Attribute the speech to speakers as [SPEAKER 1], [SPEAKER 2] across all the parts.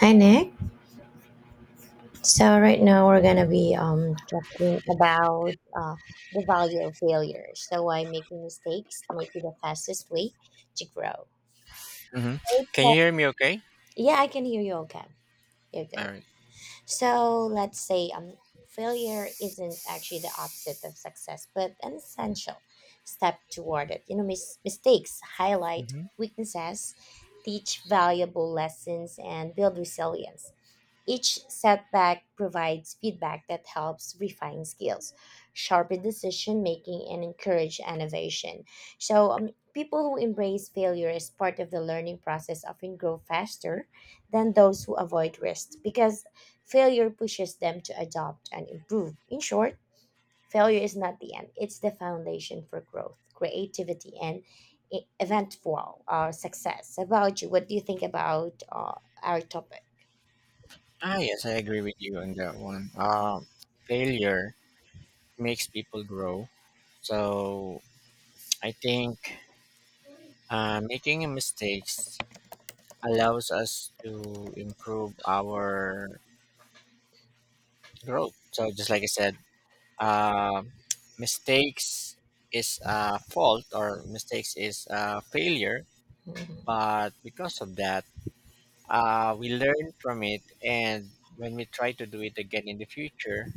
[SPEAKER 1] Hi, Nick. So, right now we're going to be talking about the value of failure. So, why making mistakes might be the fastest way to grow.
[SPEAKER 2] Hmm. Can you hear me okay?
[SPEAKER 1] Yeah, I can hear you okay. You're
[SPEAKER 2] All
[SPEAKER 1] good.
[SPEAKER 2] right.
[SPEAKER 1] So let's say failure isn't actually the opposite of success, but an essential step toward it. You know, mistakes highlight
[SPEAKER 2] Hmm.
[SPEAKER 1] weaknesses, teach valuable lessons, and build resilience. Each setback provides feedback that helps refine skills, sharpen decision making, and encourage innovation. So people who embrace failure as part of the learning process often grow faster than those who avoid risk because failure pushes them to adopt and improve. In short, failure is not the end, it's the foundation for growth, creativity, and eventful success. How about you, what do you think about our topic?
[SPEAKER 2] Ah, yes, I agree with you on that one. Failure makes people grow. So I think making mistakes allows us to improve our growth. So just like I said, uh, mistakes is a fault or mistakes is a failure.
[SPEAKER 1] Mhm.
[SPEAKER 2] But because of that, we learn from it, and when we try to do it again in the future,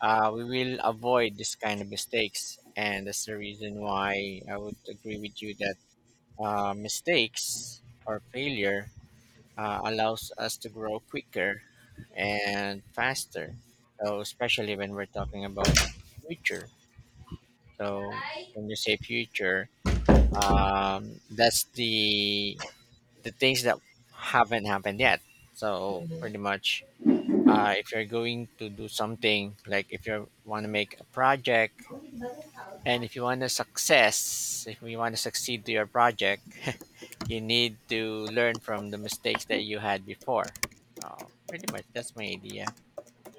[SPEAKER 2] we will avoid this kind of mistakes, and that's the reason why I would agree with you that mistakes or failure allows us to grow quicker and faster, so especially when we're talking about future. So when you say future, that's the things that haven't happened yet. So pretty
[SPEAKER 1] Mhm.
[SPEAKER 2] much, if you're going to do something, like if you want to make a project and if you want to success, if you want to succeed to your project, you need to learn from the mistakes that you had before. Pretty much, that's my idea.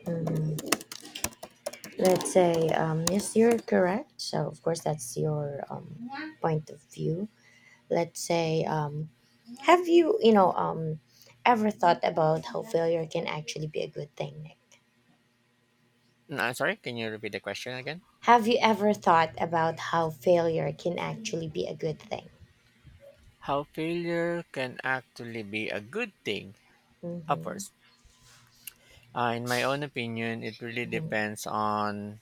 [SPEAKER 1] Mhm. Yes, you're correct. So of course, that's your point of view. Let's say, um, have you, ever thought about how failure can actually be a good thing, Nick?
[SPEAKER 2] Mm, I'm sorry, can you repeat the question again?
[SPEAKER 1] Have you ever thought about how failure can actually be a good thing?
[SPEAKER 2] How failure can actually be a good thing.
[SPEAKER 1] Mm-hmm.
[SPEAKER 2] Upwards. In my own opinion, it really depends on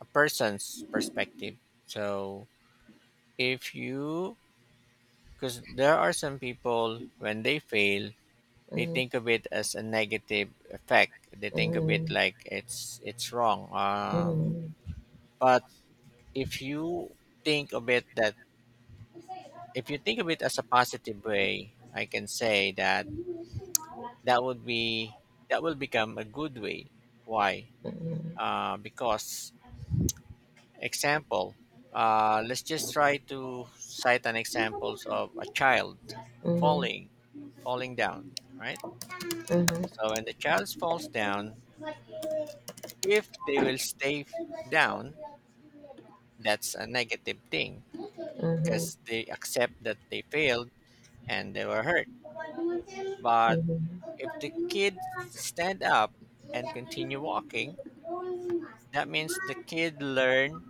[SPEAKER 2] a person's perspective. So if you— because there are some people, when they fail, they
[SPEAKER 1] Mm-hmm.
[SPEAKER 2] think of it as a negative effect. They think of it
[SPEAKER 1] Mm-hmm.
[SPEAKER 2] like it's wrong.
[SPEAKER 1] Mm-hmm.
[SPEAKER 2] But if you think of it that— if you think of it as a positive way, I can say that that would be— that will become a good way. Why?
[SPEAKER 1] Mm-hmm.
[SPEAKER 2] Because example. Let's just try to cite an examples of a child
[SPEAKER 1] Mm-hmm.
[SPEAKER 2] falling— falling down, right? So when the child falls down, if they will stay down, that's a negative thing because they accept that they failed and they were hurt. But
[SPEAKER 1] Mm-hmm.
[SPEAKER 2] if the kid stand up and continue walking, that means the kid learn,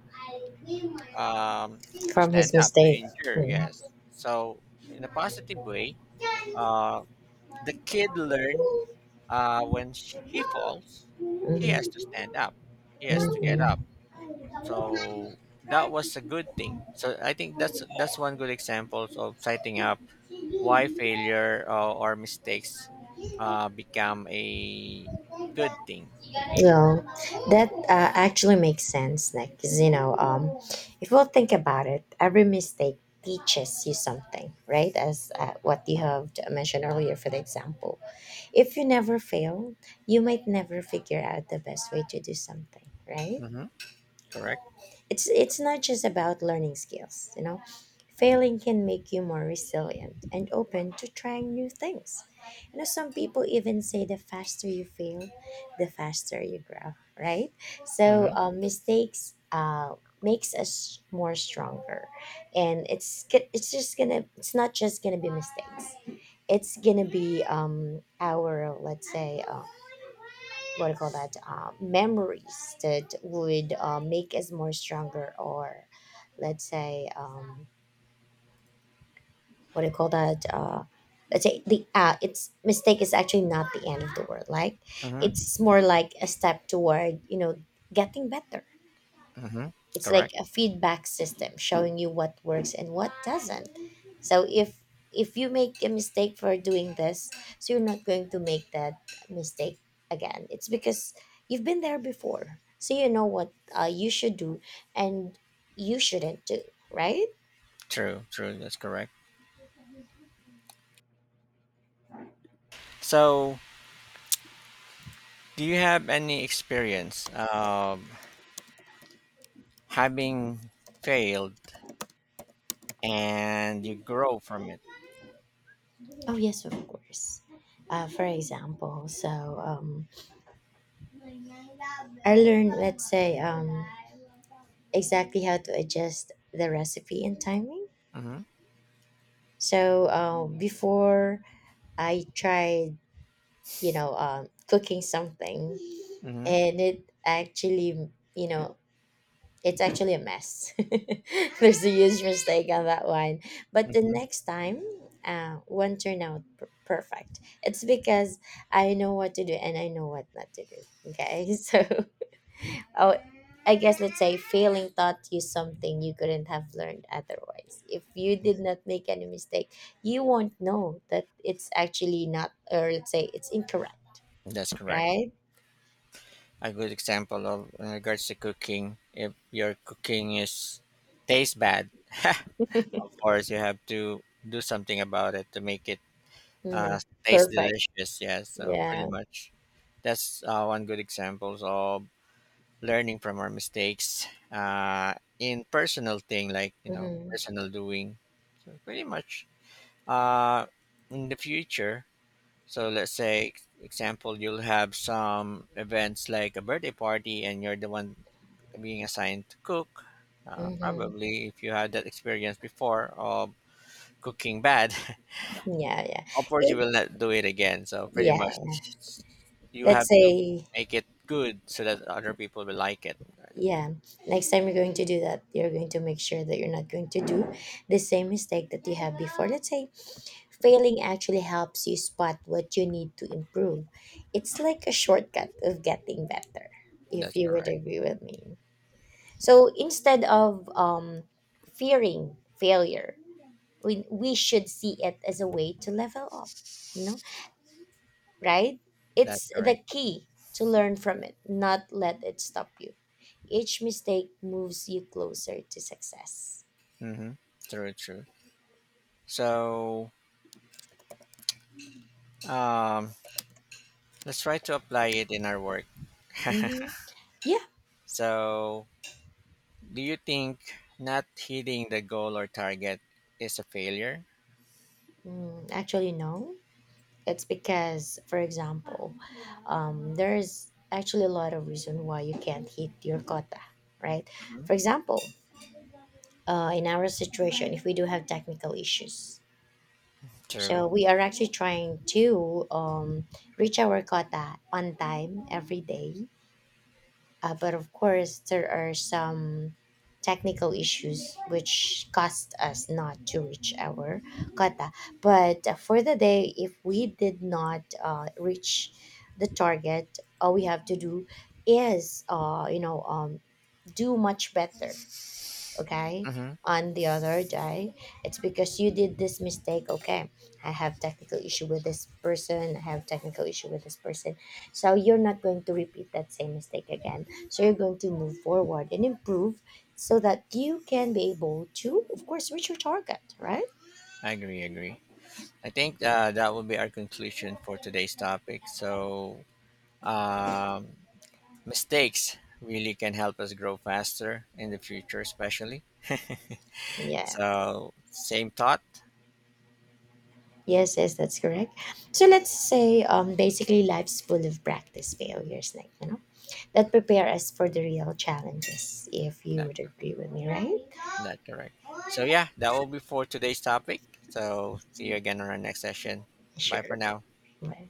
[SPEAKER 2] um, to
[SPEAKER 1] From his
[SPEAKER 2] stand up, to
[SPEAKER 1] mistake.
[SPEAKER 2] endure,
[SPEAKER 1] Mhm.
[SPEAKER 2] yes. So in a positive way, uh, the kid learn, when he falls, he
[SPEAKER 1] Hmm.
[SPEAKER 2] has to stand up. He has to get up.
[SPEAKER 1] Hmm.
[SPEAKER 2] So that was a good thing. So I think that's one good example of setting up why failure or mistakes become a good thing to people.
[SPEAKER 1] Yeah,
[SPEAKER 2] Hmm.
[SPEAKER 1] that actually makes sense, Nick. 'Cause, if we'll think about it, every mistake teaches you something, right? As what you have mentioned earlier for the example. If you never fail, you might never figure out the best way to do something, right?
[SPEAKER 2] Hmm. Correct.
[SPEAKER 1] It's not just about learning skills, you know. Failing can make you more resilient and open to trying new things. You know, some people even say the faster you fail, the faster you grow, right? So
[SPEAKER 2] Hmm.
[SPEAKER 1] um, mistakes makes us more stronger, and it's g- it's just gonna it's not just gonna be mistakes. It's gonna be our, let's say, what do you call that, memories that would make us more stronger, or let's say. What do you call that let's say the it's mistake is actually not the end of the world, like
[SPEAKER 2] Hmm.
[SPEAKER 1] it's more like a step toward, you know, getting better.
[SPEAKER 2] Hmm.
[SPEAKER 1] It's like
[SPEAKER 2] Correct.
[SPEAKER 1] a feedback system showing you what works and what doesn't. So if you make a mistake for doing this, so you're not going to make that mistake again. It's because you've been there before, so you know what you should do and you shouldn't do, right?
[SPEAKER 2] True. True. That's correct. So, do you have any experience of having failed and you grow from it?
[SPEAKER 1] Oh, yes, of course. For example, I learned, exactly how to adjust the recipe and timing.
[SPEAKER 2] Hmm.
[SPEAKER 1] So before I tried, cooking something,
[SPEAKER 2] Hmm.
[SPEAKER 1] and it actually, you know, it's actually a mess. There's a huge mistake on that one. But the
[SPEAKER 2] Hmm.
[SPEAKER 1] next time, one turned out perfect. It's because I know what to do and I know what not to do. Okay. So, oh, I guess let's say failing taught you something you couldn't have learned otherwise. If you did not make any mistake, you won't know that it's actually not, or let's say it's incorrect,
[SPEAKER 2] That's correct.
[SPEAKER 1] right?
[SPEAKER 2] A good example of in regards to cooking. If your cooking is— tastes bad, of course you have to do something about it to make it uh,
[SPEAKER 1] No,
[SPEAKER 2] taste
[SPEAKER 1] perfect.
[SPEAKER 2] delicious. Yeah, so pretty
[SPEAKER 1] Yeah.
[SPEAKER 2] much that's one good example of learning from our mistakes, in personal thing, like you know,
[SPEAKER 1] Mm-hmm.
[SPEAKER 2] personal doing. So pretty much, uh, in the future, so let's say, example, you'll have some events like a birthday party, and you're the one being assigned to cook.
[SPEAKER 1] Mm-hmm.
[SPEAKER 2] Probably, if you had that experience before of cooking bad,
[SPEAKER 1] Yeah, yeah.
[SPEAKER 2] of course you
[SPEAKER 1] It
[SPEAKER 2] will not do it again. So pretty
[SPEAKER 1] yeah,
[SPEAKER 2] much, you
[SPEAKER 1] let's
[SPEAKER 2] have to
[SPEAKER 1] say,
[SPEAKER 2] make it good so that other people will like it. Right.
[SPEAKER 1] yeah, next time you're going to do that, you're going to make sure that you're not going to do the same mistake that you have before. Let's say failing actually helps you spot what you need to improve. It's like a shortcut of getting better, if
[SPEAKER 2] That's
[SPEAKER 1] you would
[SPEAKER 2] correct.
[SPEAKER 1] agree with me. So instead of fearing failure, we should see it as a way to level up. You know? Right?
[SPEAKER 2] That's
[SPEAKER 1] It's the
[SPEAKER 2] correct.
[SPEAKER 1] key to learn from it, not let it stop you. Each mistake moves you closer to success.
[SPEAKER 2] Mm-hmm. True. True. So, um, let's try to apply it in our work.
[SPEAKER 1] Hmm. Yeah.
[SPEAKER 2] So, do you think not hitting the goal or target is a failure?
[SPEAKER 1] Mm, actually, no. It's because, for example, there's actually a lot of reason why you can't hit your quota, right?
[SPEAKER 2] Mhm.
[SPEAKER 1] For example, in our situation, if we do have technical issues, so
[SPEAKER 2] True.
[SPEAKER 1] we are actually trying to reach our quota on time every day. But of course, there are some technical issues which caused us not to reach our quota. But for the day, if we did not reach the target, all we have to do is, do much better, okay,
[SPEAKER 2] Mm-hmm.
[SPEAKER 1] on the other day. It's because you did this mistake, okay, I have technical issue with this person, I have technical issue with this person, so you're not going to repeat that same mistake again. So you're going to move forward and improve so that you can be able to, of course, reach your target, right?
[SPEAKER 2] I agree. Agree. I think that will be our conclusion for today's topic. So, um, mistakes really can help us grow faster in the future, especially.
[SPEAKER 1] Yeah,
[SPEAKER 2] So, same thought.
[SPEAKER 1] yes, yes, that's correct. So let's say basically life's full of practice failures, like, you know, that prepare us for the real challenges, if you
[SPEAKER 2] That—
[SPEAKER 1] would agree with me, right?
[SPEAKER 2] that correct. So yeah, that will be for today's topic. So see you again on our next session. Bye
[SPEAKER 1] Sure.
[SPEAKER 2] for now.
[SPEAKER 1] Right.